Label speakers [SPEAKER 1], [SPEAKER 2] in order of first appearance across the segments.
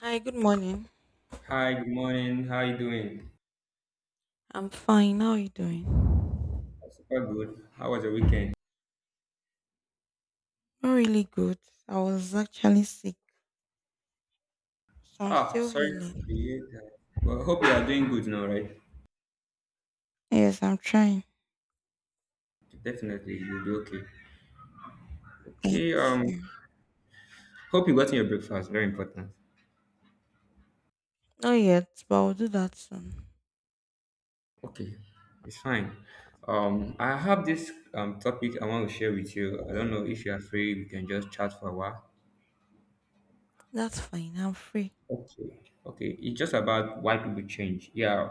[SPEAKER 1] Hi, good morning.
[SPEAKER 2] Hi, good morning. How you doing?
[SPEAKER 1] I'm fine. How are you doing?
[SPEAKER 2] I'm super good. How was your weekend?
[SPEAKER 1] Not really good. I was actually sick, so I'm
[SPEAKER 2] Ah,
[SPEAKER 1] still
[SPEAKER 2] sorry to
[SPEAKER 1] healing.
[SPEAKER 2] hear that. Well, hope you are doing good now, right?
[SPEAKER 1] Yes, I'm trying.
[SPEAKER 2] Definitely, you'll be okay. Okay,
[SPEAKER 1] Thank you.
[SPEAKER 2] hope you got your breakfast. Very important.
[SPEAKER 1] Not yet, but I'll do that soon.
[SPEAKER 2] Okay, it's fine. I have this topic I want to share with you. I don't know if you are free. We can just chat for a while.
[SPEAKER 1] That's fine. I'm free.
[SPEAKER 2] Okay, okay. It's just about why people change. Yeah,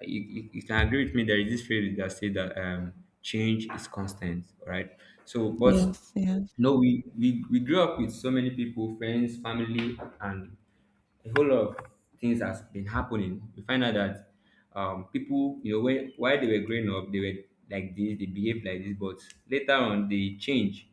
[SPEAKER 2] you can agree with me. There is this phrase that say that change is constant, right? So, but
[SPEAKER 1] Yes, yes,
[SPEAKER 2] no, we grew up with so many people, friends, family, and a whole lot of things has been happening. We find out that people, you know, when while they were growing up, they were like this, they behaved like this, but later on they change.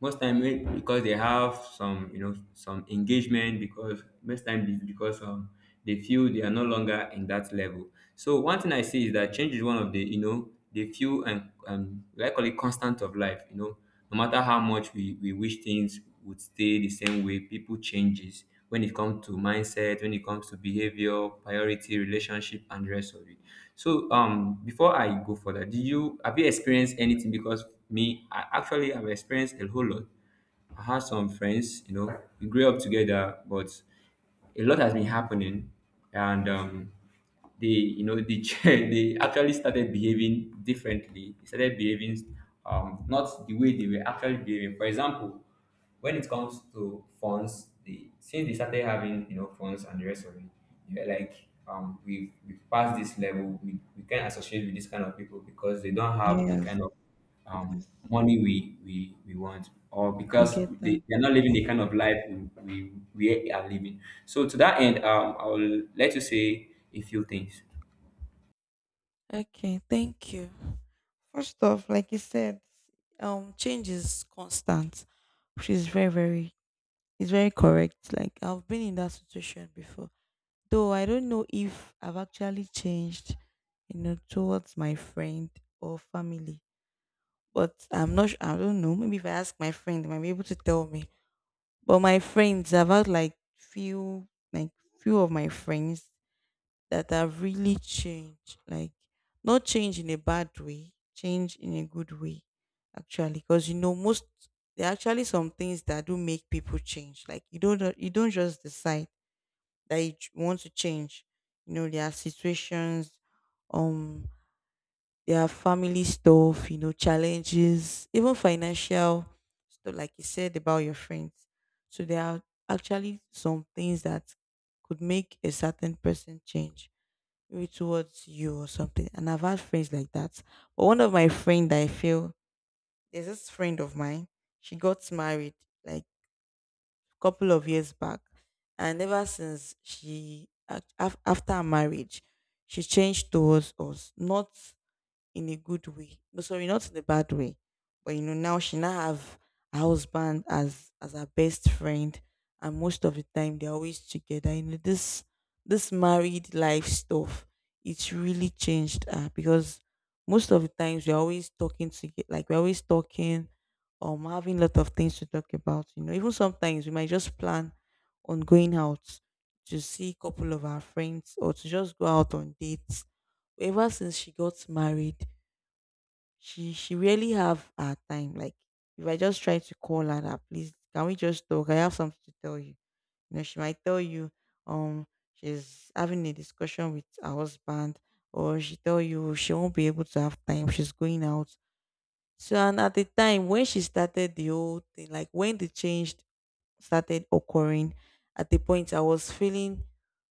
[SPEAKER 2] Most time eh, because they have some, you know, some engagement. Because most time it's because they feel they are no longer in that level. So one thing I see is that change is one of the, you know, the few and like call it constant of life. You know, no matter how much we wish things would stay the same way people changes when it comes to mindset, when it comes to behavior, priority, relationship, and the rest of it. So before I go further, do you have you experienced anything? Because me, I actually have experienced a whole lot. I have some friends, you know, we grew up together, but a lot has been happening, and they, you know, they they actually started behaving differently. They started behaving not the way they were actually behaving. For example, when it comes to funds, the since they started having, you know, funds and the rest of it, yeah, like we've passed this level. We can't associate with this kind of people because they don't have the
[SPEAKER 1] yes,
[SPEAKER 2] kind of um
[SPEAKER 1] yes.
[SPEAKER 2] money we want, or
[SPEAKER 1] I
[SPEAKER 2] because
[SPEAKER 1] get that.
[SPEAKER 2] they're not living the kind of life we are living. So to that end, I will let you say a few things.
[SPEAKER 1] Okay, thank you. First off, like you said, change is constant, which is very, very, it's very correct. Like I've been in that situation before. Though I don't know if I've actually changed, you know, towards my friend or family. But I'm not sure, I don't know. Maybe if I ask my friend, they might be able to tell me. But my friends, I've had like few of my friends that have really changed. Like, not change in a bad way, change in a good way, actually. Because, you know, most, there are actually some things that do make people change. Like, you don't just decide that want to change. You know, their situations, um, their family stuff, you know, challenges, even financial stuff, like you said about your friends. So there are actually some things that could make a certain person change, maybe towards you or something. And I've had friends like that. But one of my friend, that I feel, there's this friend of mine. She got married like couple of years back. And ever since she, after our marriage, she changed towards us. Not in a good way. No, sorry, not in a bad way. But you know, now she now have her husband as her best friend, and most of the time they're always together. You know, this married life stuff, it's really changed her because most of the times we're always talking to like we're always talking having a lot of things to talk about. You know, even sometimes we might just plan on going out to see a couple of our friends or to just go out on dates. Ever since she got married, she really have her time. Like if I just try to call her, that please can we just talk? I have something to tell you. You know, she might tell you um she's having a discussion with her husband, or she tell you she won't be able to have time. She's going out. So and at the time when she started the whole thing, like when the change started occurring, at the point I was feeling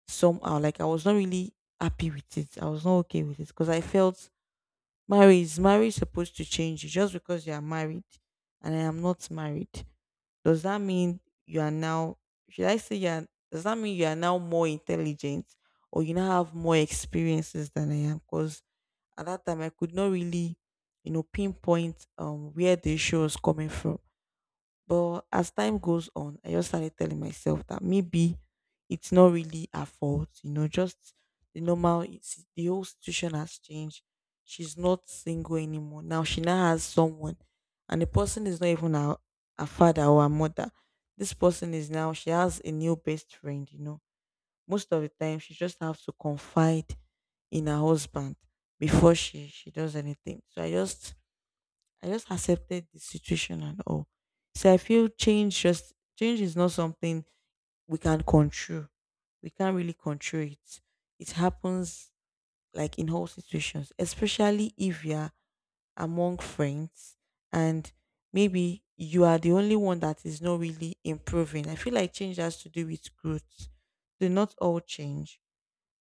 [SPEAKER 1] somehow like I was not really happy with it. I was not okay with it because I felt marriage is marriage supposed to change you just because you are married and I am not married? Does that mean you are now should I say you are does that mean you are now more intelligent or you now have more experiences than I am? Because at that time I could not really, you know, pinpoint where the issue was coming from. But as time goes on, I just started telling myself that maybe it's not really her fault, you know, just the normal, it's, the whole situation has changed. She's not single anymore. Now she now has someone, and the person is not even her, her father or her mother. This person is now, she has a new best friend, you know. Most of the time, she just has to confide in her husband before she does anything. So I just accepted the situation and all. So I feel change just change is not something we can control. We can't really control it. It happens like in all situations, especially if you're among friends and maybe you are the only one that is not really improving. I feel like change has to do with growth. Do not all change,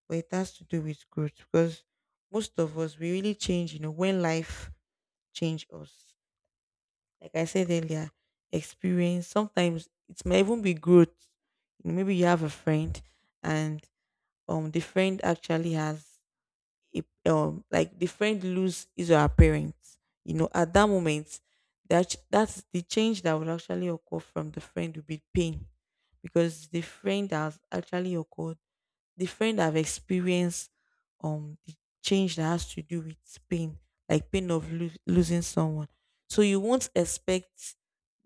[SPEAKER 1] but it has to do with growth because most of us we really change, you know, when life change us like I said earlier, experience. Sometimes it may even be growth. Maybe you have a friend, and the friend actually has a, like the friend lose his or her parents. You know, at that moment, that's the change that would actually occur from the friend would be pain, because the friend has actually occurred the friend have experienced the change that has to do with pain, like pain of losing someone. So you won't expect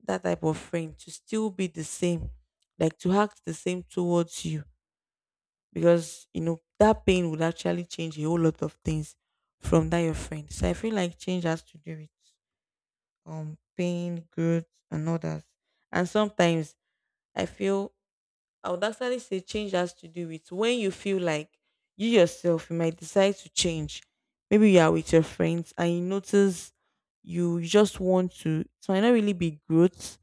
[SPEAKER 1] that type of friend to still be the same, like to act the same towards you, because you know that pain would actually change a whole lot of things from that your friend. So I feel like change has to do with pain, growth, and others. And sometimes I feel I would actually say change has to do with when you feel like you yourself you might decide to change. Maybe you are with your friends and you notice you just want to. It might not really be growth.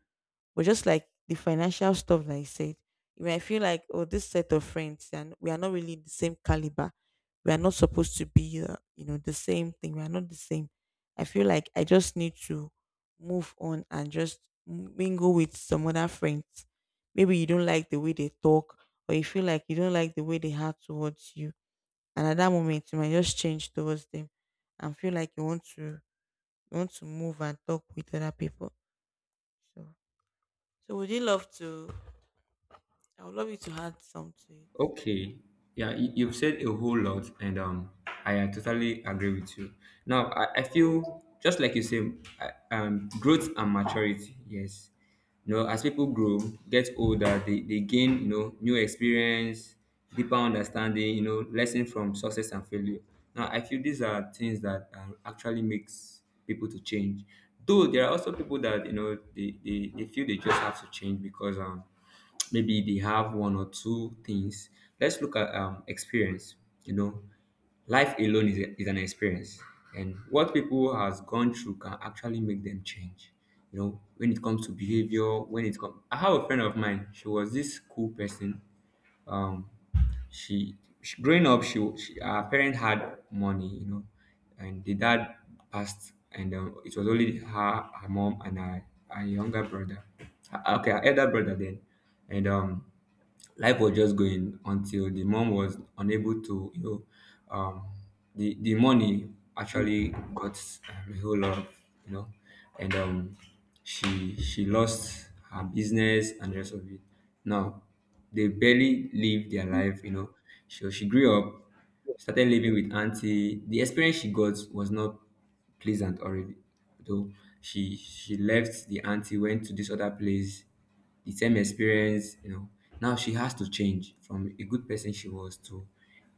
[SPEAKER 1] But just like the financial stuff that I said, you might feel like, oh, this set of friends, and we are not really the same caliber. We are not supposed to be, you know, the same thing. We are not the same. I feel like I just need to move on and just mingle with some other friends. Maybe you don't like the way they talk, or you feel like you don't like the way they have towards you. And at that moment, you might just change towards them and feel like you want to move and talk with other people. So, so would you love to I would love you to add some to it.
[SPEAKER 2] Okay. Yeah, you, you've said a whole lot, and I totally agree with you. Now, I feel just like you say, growth and maturity. Yes, you know, as people grow, get older, they gain, you know, new experience, deeper understanding, you know, lesson from success and failure. Now, I feel these are things that actually makes people to change. Though there are also people that, you know, they feel they just have to change because maybe they have one or two things. Let's look at experience. You know, life alone is, a, is an experience, and what people has gone through can actually make them change, you know, when it comes to
[SPEAKER 1] Yes.
[SPEAKER 2] behavior, when it comes. I have a friend of mine, she was this cool person. um she, she growing up, she her parents had money, you know, and the dad passed, and it was only her her mom and her younger brother. Okay, her elder brother then. And life was just going until the mom was unable to, you know, um the money actually got a whole lot of, you know. And she lost her business and the rest of it. Now they barely live their life, you know. So she grew up, started living with auntie. The experience she got was not pleasant already. Though she left the auntie, went to this other place, the same experience, you know. Now she has to change from a good person she was to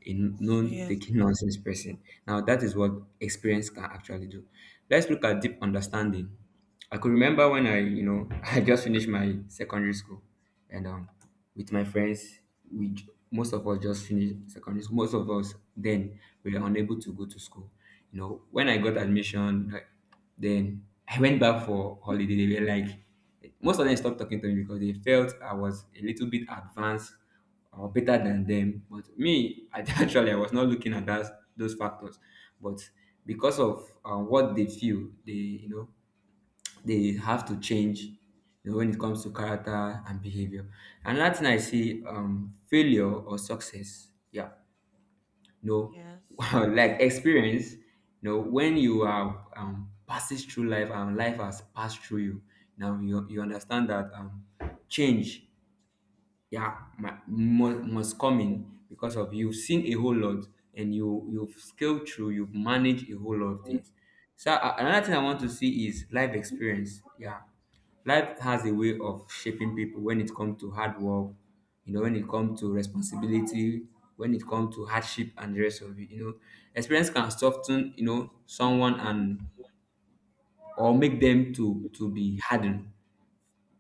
[SPEAKER 2] a
[SPEAKER 1] So
[SPEAKER 2] known
[SPEAKER 1] yes,
[SPEAKER 2] taking nonsense person. Now that is what experience can actually do. Let's look at deep understanding. I could remember when I, you know, I just finished my secondary school, and with my friends, we most of us just finished secondary school. Most of us then we were unable to go to school. You know, when I got admission, like, then I went back for holiday. They were like, most of them stopped talking to me because they felt I was a little bit advanced or better than them. But me, I actually I was not looking at that those factors, but because of what they feel, they, you know, they have to change, you know, when it comes to character and behavior. And Latin, I see failure or success. Yeah, no,
[SPEAKER 1] yes,
[SPEAKER 2] like
[SPEAKER 1] sure.
[SPEAKER 2] experience. You know, when you are passes through life and life has passed through you, now you understand that change. Yeah, my, must come in because of you've seen a whole lot, and you you've scaled through, you've managed a whole lot of things. So another thing I want to see is life experience. Yeah, life has a way of shaping people when it comes to hard work, you know, when it comes to responsibility, when it comes to hardship and the rest of it. You know, experience can soften, you know, someone and or make them to be hardened.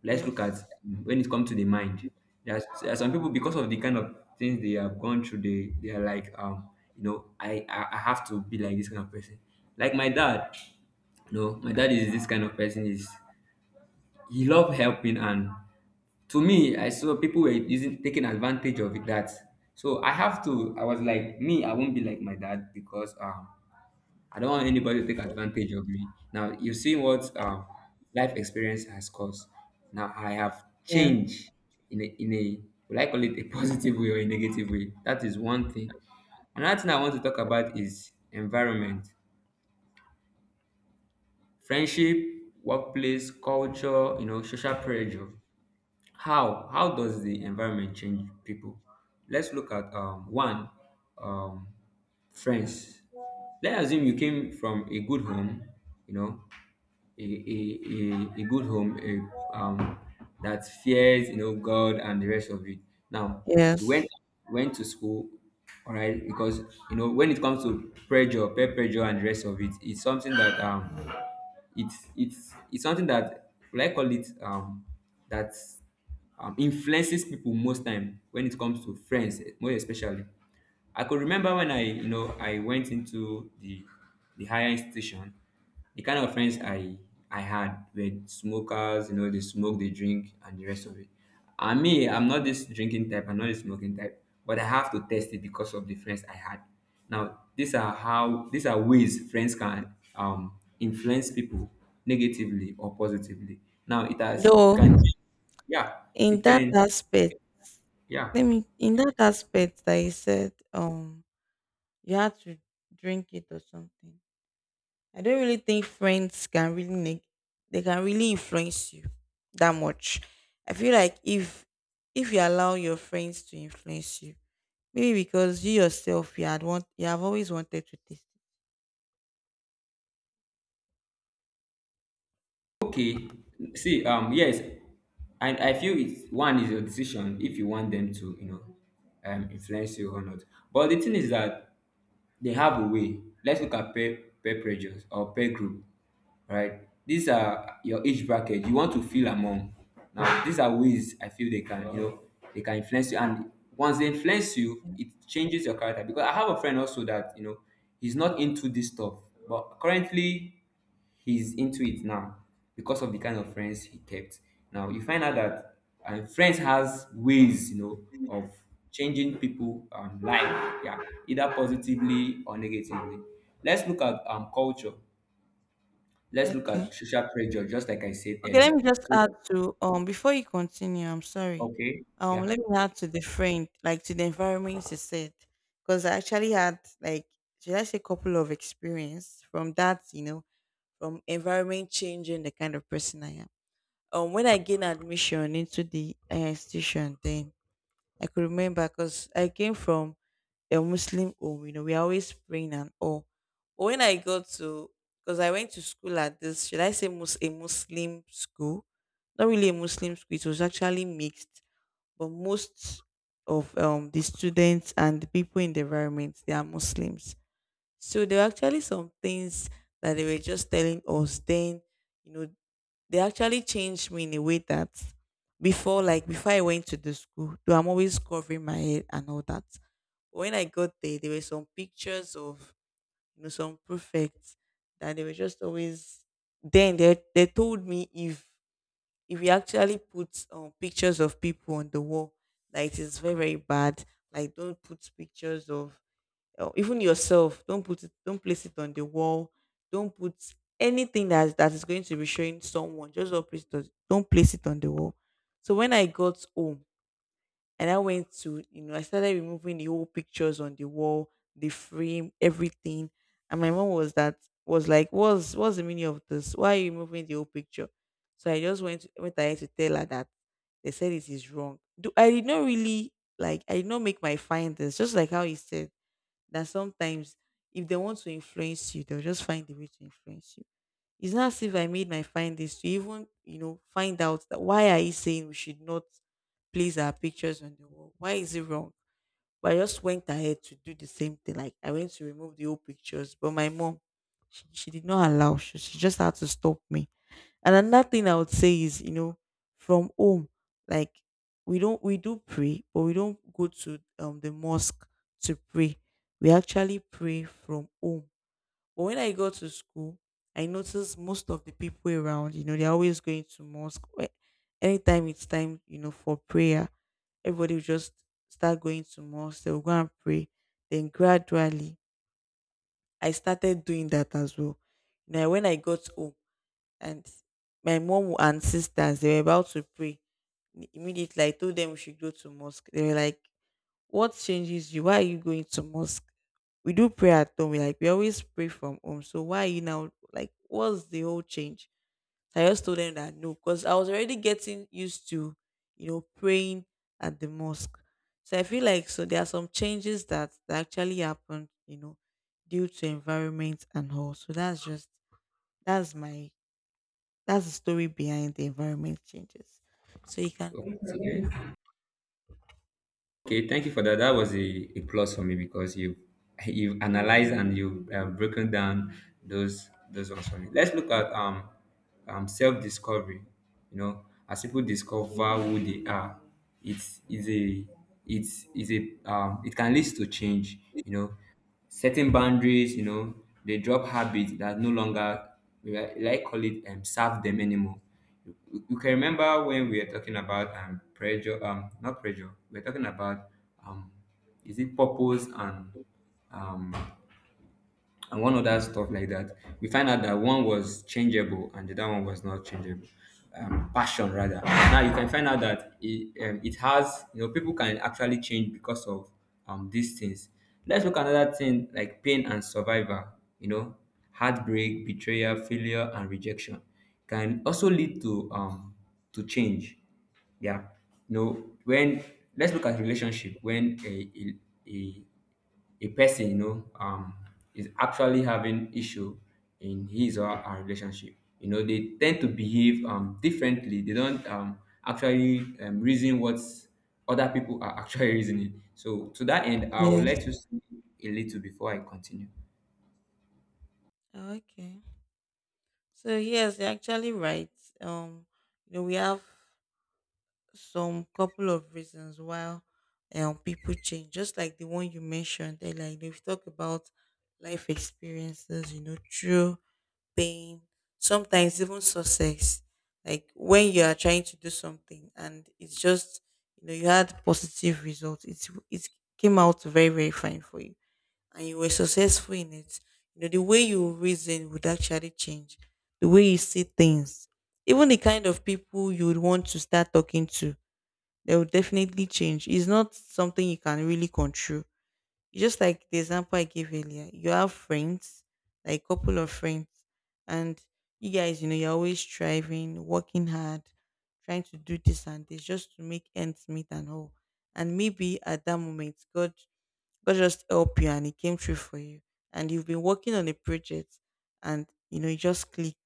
[SPEAKER 2] Let's look at
[SPEAKER 1] Yes.
[SPEAKER 2] when it comes to the mind. There's there are some people because of the kind of things they have gone through, they are like, you know, I have to be like this kind of person. Like my dad, you know, my dad is this kind of person. Is he love helping. And to me, I saw people were using taking advantage of that. So I have to. I was like, me, I won't be like my dad because I don't want anybody to take advantage of me. Now, you've seen what life experience has caused. Now, I have
[SPEAKER 1] Yeah,
[SPEAKER 2] changed in a, will I call it a positive way or a negative way? That is one thing. Another thing I want to talk about is environment, friendship, workplace, culture, you know, social pressure. How does the environment change people? Let's look at one um, friends. Let's assume you came from a good home, you know, a good home a, that fears, you know, God and the rest of it. Now you
[SPEAKER 1] yes.
[SPEAKER 2] went to school, all right, because you know when it comes to pressure, peer pressure, and the rest of it, it's something that it's something that will I call it that influences people most time when it comes to friends, eh, more especially. I could remember when I, you know, I went into the higher institution, the kind of friends I had were smokers, you know, they smoke, they drink, and the rest of it. I mean, I'm not this drinking type, I'm not this smoking type, but I have to test it because of the friends I had. Now, these are how these are ways friends can influence people negatively or positively. Now it has it
[SPEAKER 1] Though
[SPEAKER 2] can change. Yeah,
[SPEAKER 1] in
[SPEAKER 2] it
[SPEAKER 1] that
[SPEAKER 2] can
[SPEAKER 1] aspect,
[SPEAKER 2] yeah.
[SPEAKER 1] let me in that aspect that you said you had to drink it or something. I don't really think friends can really they can really influence you that much. I feel like if you allow your friends to influence you, maybe because you yourself you had want you have always wanted to taste it.
[SPEAKER 2] Okay. See, yes, I feel it's one is your decision if you want them to, you know, influence you or not. But the thing is that they have a way. Let's look at peer pressures or peer group, right? These are your age bracket you want to feel among. Now, these are ways I feel they can, you know, they can influence you. And once they influence you, it changes your character. Because I have a friend also that, you know, he's not into this stuff, but currently he's into it now because of the kind of friends he kept. Now you find out that friends has ways, you know, of changing people life, yeah, either positively or negatively. Let's look at culture. Let's look at
[SPEAKER 1] Okay.
[SPEAKER 2] social pressure, just like I said
[SPEAKER 1] Okay, let
[SPEAKER 2] earlier.
[SPEAKER 1] me just
[SPEAKER 2] So
[SPEAKER 1] add to before you continue, I'm sorry.
[SPEAKER 2] okay, yeah,
[SPEAKER 1] Let me add to the friend, like to the environment you said. Because I actually had like should I say couple of experience from that, you know, from environment changing the kind of person I am. When I gained admission into the institution then I could remember because I came from a Muslim home, you know, we are always praying and all. But when I got to, because I went to school at this, should I say a Muslim school? Not really a Muslim school, it was actually mixed, but most of the students and the people in the environment, they are Muslims. So there were actually some things that they were just telling us then, you know, they actually changed me in a way that before like before I went to the school, though I'm always covering my head and all that. When I got there, there were some pictures of you know some prefects that they were just always then they told me if you actually put pictures of people on the wall, like it is very, very bad. Like don't put pictures of or even yourself don't put it don't place it on the wall don't put anything that is going to be showing someone just don't place it on, don't place it on the wall so when I got home and I went to you know I started removing the old pictures on the wall the frame everything and my mom was that was like what's the meaning of this why are you removing the old picture so I just went went ahead to tell her that they said it is wrong. Do, I did not really like I did not make my findings just like how he said that sometimes if they want to influence you, they'll just find a way to influence you. It's not as if I made my findings to even, you know, find out that why are you saying we should not place our pictures on the wall? Why is it wrong? But I just went ahead to do the same thing. Like I went to remove the old pictures, but my mom, she did not allow. She just had to stop me and another thing I would say is, you know, from home, like we don't we do pray, but we don't go to the mosque to pray. We actually pray from home. But when I go to school, I notice most of the people around, you know, they're always going to mosque. Wh- anytime it's time, you know, for prayer, everybody will just start going to mosque. They'll go and pray. Then gradually, I started doing that as well. Now, when I got home, and my mom and sisters they were about to pray immediately. I told them we should go to mosque. They were like, "What changes you? Why are you going to mosque? We do pray at home. We we always pray from home, so why are you now like, what's the whole change?" So I just told them that no, because I was already getting used to, you know, praying at the mosque. So I feel like, so there are some changes that actually happened, you know, due to environment and all. So that's just, that's my that's the story behind the environment changes. So you can continue.
[SPEAKER 2] okay. Okay, thank you for that. That was a plus for me because you analyzed and you broken down those ones for me. Let's look at self discovery. You know, as people discover who they are, it's is a it's is a it can lead to change. You know, setting boundaries. You know, they drop habits that no longer, like I call it, serve them anymore. You can remember when we were talking about pressure, not pressure. We are talking about um is it purpose um and one other stuff like that. We find out that one was changeable and the other one was not changeable. Passion rather. Now you can find out that it, it has, you know, people can actually change because of these things. Let's look at another thing like pain and survival. You know, heartbreak, betrayal, failure, and rejection can also lead to change. Yeah, you know when let's look at relationship when a, a a person, you know, is actually having issue in his or her relationship, you know, they tend to behave differently. They don't actually reason what other people are actually reasoning. So to that end, I'll
[SPEAKER 1] Yes.
[SPEAKER 2] let you see a little before I continue.
[SPEAKER 1] Oh, okay. So yes, you're actually right. Um, you know, we have some couple of reasons why people change, just like the one you mentioned. They they've talked about life experiences, you know, through pain, sometimes even success. Like when you are trying to do something and it's just, you know, you had positive results. It came out very very fine for you, and you were successful in it. You know, the way you reason would actually change. The way you see things. Even the kind of people you would want to start talking to, they will definitely change. It's not something you can really control. Just like the example I gave earlier, you have friends, like a couple of friends, and you guys, you know, you're always striving, working hard, trying to do this and this just to make ends meet and all. And maybe at that moment, God just helped you and it came true for you. And you've been working on a project and you know you just clicked,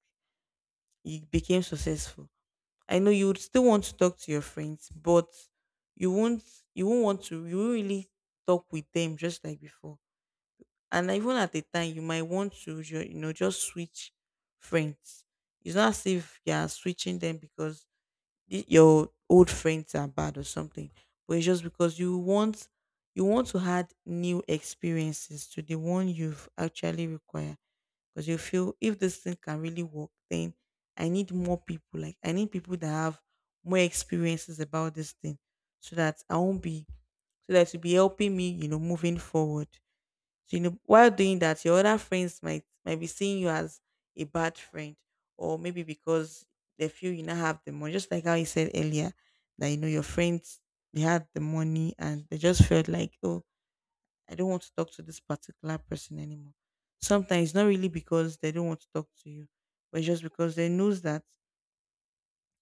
[SPEAKER 1] you became successful. I know you would still want to talk to your friends, but you won't you won't want to you won't really talk with them just like before. And even at the time you might want to you know, just switch friends. It's not as if you are switching them because your old friends are bad or something, but it's just because you want to add new experiences to the one you've actually required, because you feel if this thing can really work, then I need more people, I need people that have more experiences about this thing, so that I won't be so that it will be helping me, you know, moving forward. So, you know, while doing that, your other friends might be seeing you as a bad friend, or maybe because they feel you now have the money. Just like how you said earlier, that you know your friends, they had the money and they just felt like, "Oh, I don't want to talk to this particular person anymore." Sometimes it's not really because they don't want to talk to you, but just because they knows that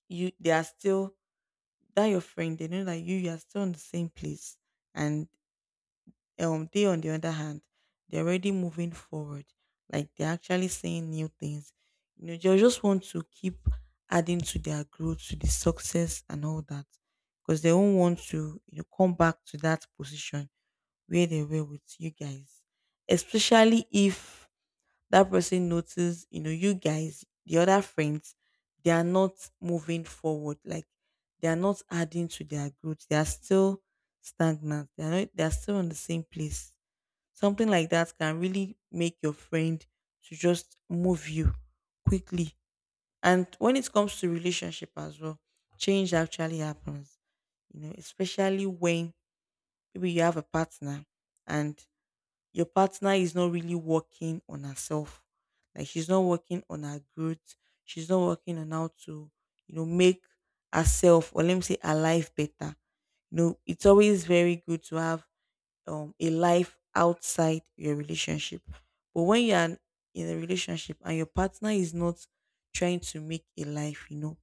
[SPEAKER 1] you they are still that your friend. They know that you are still in the same place, and they, on the other hand, they're already moving forward. Like they're actually saying new things. You know, they just want to keep adding to their growth, to the success and all that. Because they don't want to, you know, come back to that position where they were with you guys. Especially if that person notices, you know, you guys, the other friends, they are not moving forward. Like they are not adding to their growth. They are still stagnant. They are not, they are still on the same place. Something like that can really make your friend to just move you quickly. And when it comes to relationship as well, change actually happens. You know, especially when maybe you have a partner and your partner is not really working on herself. Like she's not working on her growth. She's not working on how to, you know, make herself, or let me say, her life better. You know, it's always very good to have a life outside your relationship. But when you are in a relationship and your partner is not trying to make a life, you know,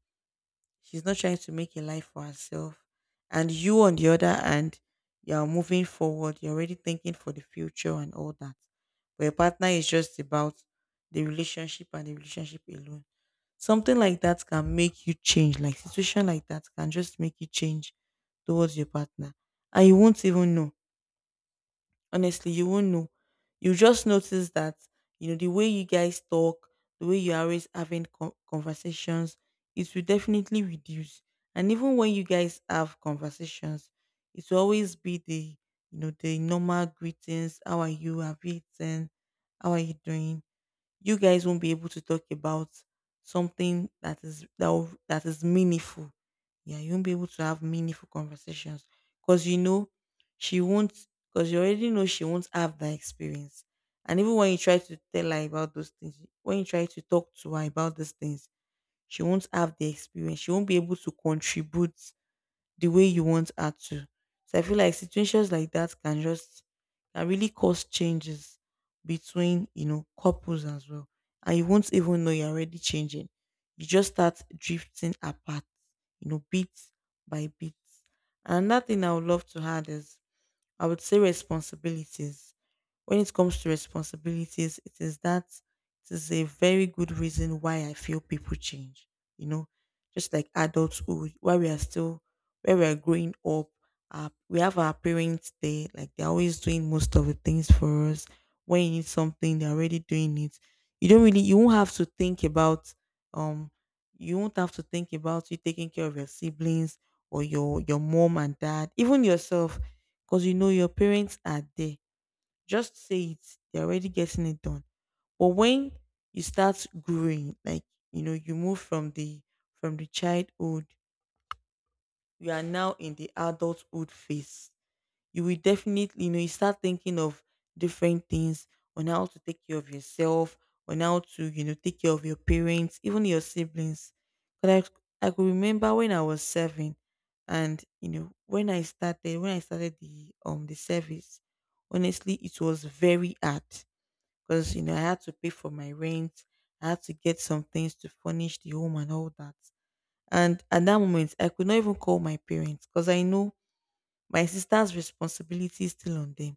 [SPEAKER 1] she's not trying to make a life for herself, and you on the other hand, you are moving forward, you're already thinking for the future and all that. But your partner is just about the relationship and the relationship alone. Something like that can make you change, like situation like that can just make you change towards your partner, and you won't even know. Honestly, you won't know. You just notice that, you know, the way you guys talk, the way you're always having conversations, it will definitely reduce. And even when you guys have conversations, it will always be the, you know, the normal greetings. How are you? Have you eaten? How are you doing? You guys won't be able to talk about something that is that is meaningful. Yeah, you won't be able to have meaningful conversations because you know she won't because you already know she won't have that experience. And even when you try to tell her about those things, when you try to talk to her about these things, she won't have the experience. She won't be able to contribute the way you want her to. So I feel like situations like that can just can really cause changes between, you know, couples as well, and you won't even know you're already changing. You just start drifting apart, you know, bit by bit. Another thing I would love to add is I would say responsibilities. When it comes to responsibilities, it is a very good reason why I feel people change. You know, just like adulthood, while we are still, where we are growing up, we have our parents there. Like they're always doing most of the things for us. When you need something, they're already doing it. You don't really, you won't have to think about, um, you won't have to think about you taking care of your siblings or your mom and dad, even yourself, because you know your parents are there. Just say it. They're already getting it done. But when you start growing, like you know, you move from the, from the childhood, you are now in the adulthood phase. You will definitely, you know, you start thinking of different things on how to take care of yourself, on how to, you know, take care of your parents, even your siblings. Because I could remember when I was seven, and you know, when I started the service, honestly, it was very hard because you know I had to pay for my rent, I had to get some things to furnish the home and all that. And at that moment, I could not even call my parents because I know my sister's responsibility is still on them,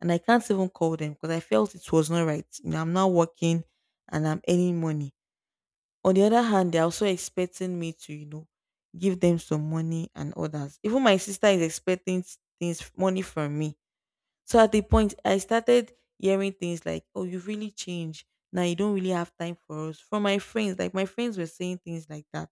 [SPEAKER 1] and I can't even call them because I felt it was not right. You know, I'm not working and I'm earning money. On the other hand, they're also expecting me to, you know, give them some money and others. Even my sister is expecting s- things money from me. So at the point, I started hearing things like, "Oh, you've really changed. Now you don't really have time for us." From my friends, like my friends were saying things like that.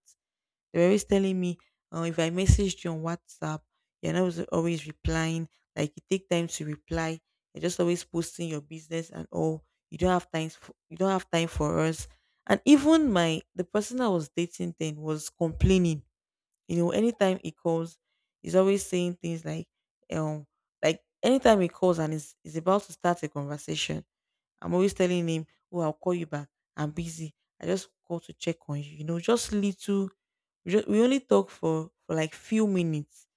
[SPEAKER 1] They were always telling me, "Oh, if I messaged you on WhatsApp, you're not always replying. Like you take time to reply. You're just always posting your business and all. You don't have time for us." And even my the person I was dating then was complaining. You know, anytime he calls, he's always saying things um, like anytime he calls and is about to start a conversation, I'm always telling him, "Oh, I'll call you back. I'm busy. I just call to check on you." You know, just little. We only talk for like few minutes,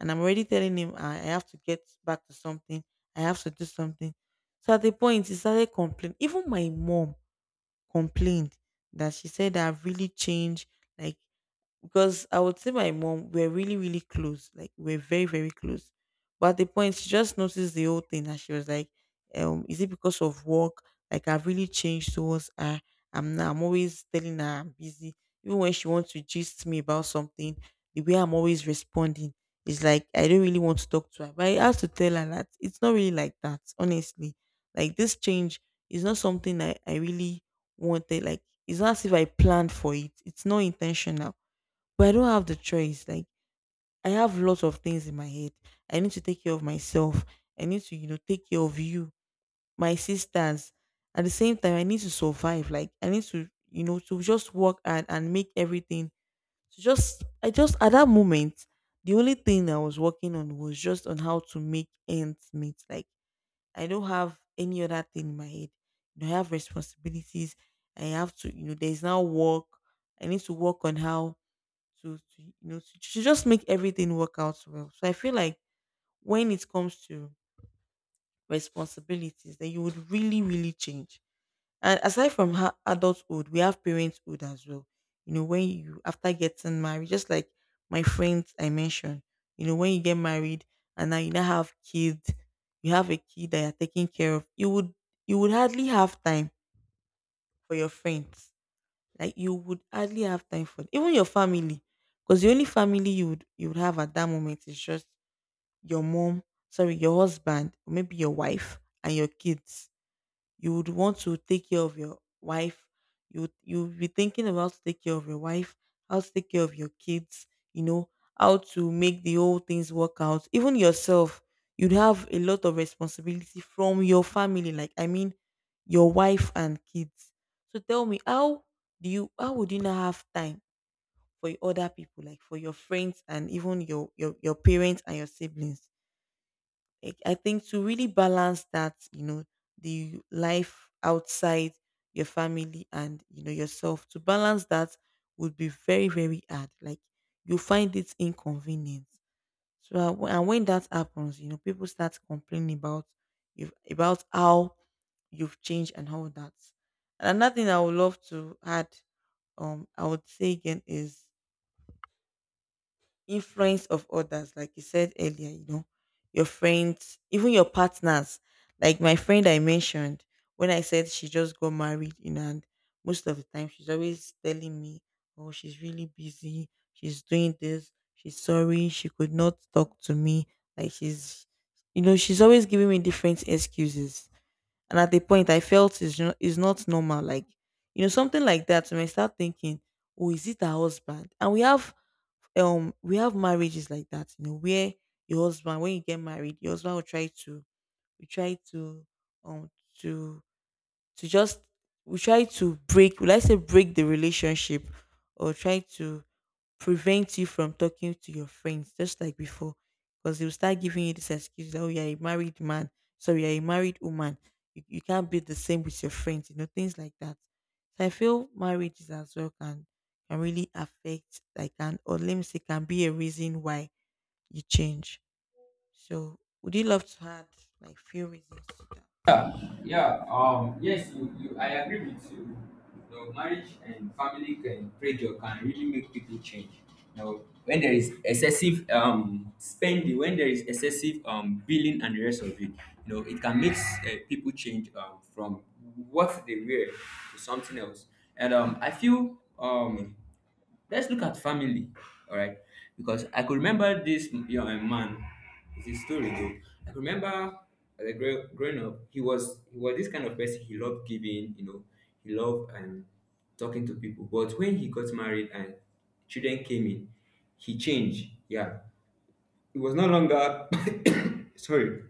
[SPEAKER 1] and I'm already telling him I have to get back to something. I have to do something. So at the point, he started complaining. Even my mom complained, that she said I've really changed. Like, because I would say my mom, we're really really close, like we're very very close. But at the point, she just noticed the whole thing, and she was like, "Is it because of work?" Like I've really changed towards her. I'm always telling her I'm busy, even when she wants to gist me about something. The way I'm always responding is like I don't really want to talk to her. But I have to tell her that it's not really like that, honestly. Like this change is not something I really wanted. Like it's not as if I planned for it. It's not intentional, but I don't have the choice. Like I have lots of things in my head. I need to take care of myself. I need to, take care of you, my sisters. At the same time, I need to survive. Like I need to, to just work and make everything. I just at that moment, the only thing I was working on was just on how to make ends meet. Like I don't have any other thing in my head. I have responsibilities. I have to, you know, there's now work. I need to work on how to you know to just make everything work out well. So I feel like when it comes to responsibilities, then you would really really change. And aside from adulthood, we have parenthood as well. You know, when you after getting married, just like my friends I mentioned, you know, when you get married and now you now have kids, you have a kid that you're taking care of, you would, you would hardly have time for your friends. Like you would hardly have time for even your family, because the only family you would have at that moment is just your mom, your husband, or maybe your wife and your kids. You would want to take care of your wife. You would be thinking about to take care of your wife, how to take care of your kids, you know, how to make the whole things work out. Even yourself, you'd have a lot of responsibility from your family. Like I mean, your wife and kids. So tell me, how do you? How would you not have time for other people, like for your friends and even your your parents and your siblings? Like I think to really balance that, you know, the life outside your family and, you know, yourself, to balance that would be very very hard. Like you find it inconvenient. So and when that happens, you know, people start complaining about you, about how you've changed and all that. And another thing I would love to add, I would say again, is influence of others. Like you said earlier, you know, your friends, even your partners. Like my friend I mentioned, when I said she just got married, you know, and most of the time she's always telling me, oh, she's really busy, she's doing this, she's sorry she could not talk to me. Like she's, you know, she's always giving me different excuses. And at the point I felt it's not normal. Like, you know, something like that. When I start thinking, oh, is it her husband? And we have we have marriages like that, you know, where your husband, when you get married, your husband will try to, we try to um to to just we try to break, will I say, break the relationship, or try to prevent you from talking to your friends just like before. Because they'll start giving you this excuse that, you're a married man, sorry, you're a married woman. You can't be the same with your friends, you know, things like that. So I feel marriages as well can really affect, like can, or let me say, can be a reason why you change. So would you love to add like few reasons to that?
[SPEAKER 2] Yeah, yes, you, I agree with you. You know, marriage and family can, pressure can really make people change. You know, when there is excessive spending, when there is excessive billing and the rest of it, you know, it can make people change from what they were to something else. And I feel let's look at family, all right? Because I could remember this young man. It's his story though. I could remember as a growing up, he was this kind of person. He loved giving, you know, he loved talking to people. But when he got married and children came in, he changed. Yeah, he was no longer, sorry,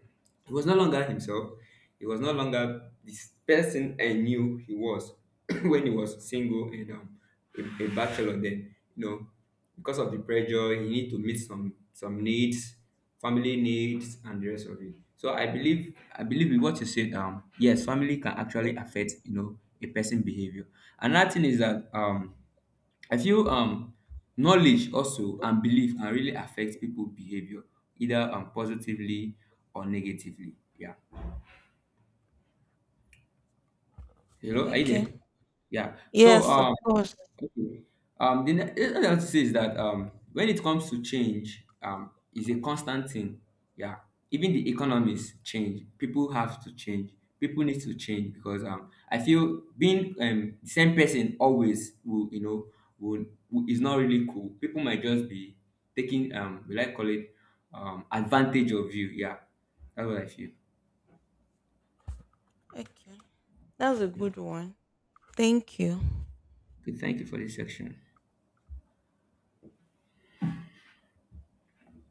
[SPEAKER 2] he was no longer himself. He was no longer this person I knew he was when he was single and a bachelor. Then, you know, because of the pressure, he need to meet some needs, family needs, and the rest of it. So I believe with what you said. Yes, family can actually affect, you know, a person behavior. Another thing is that I feel knowledge also and belief can really affect people behavior either positively or negatively. Yeah. Hello,
[SPEAKER 1] Oh,
[SPEAKER 2] are you
[SPEAKER 1] okay.
[SPEAKER 2] there? Yeah. So,
[SPEAKER 1] Yes, of course.
[SPEAKER 2] okay. The other thing to say is that when it comes to change, is a constant thing. Yeah. Even the economies change. People have to change. People need to change because I feel being the same person always will, you know, will is not really cool. People might just be taking we like call it advantage of you. Yeah. That's what I feel.
[SPEAKER 1] Okay. That's a
[SPEAKER 2] Yeah.
[SPEAKER 1] good one. Thank you.
[SPEAKER 2] Okay. Thank you for this section.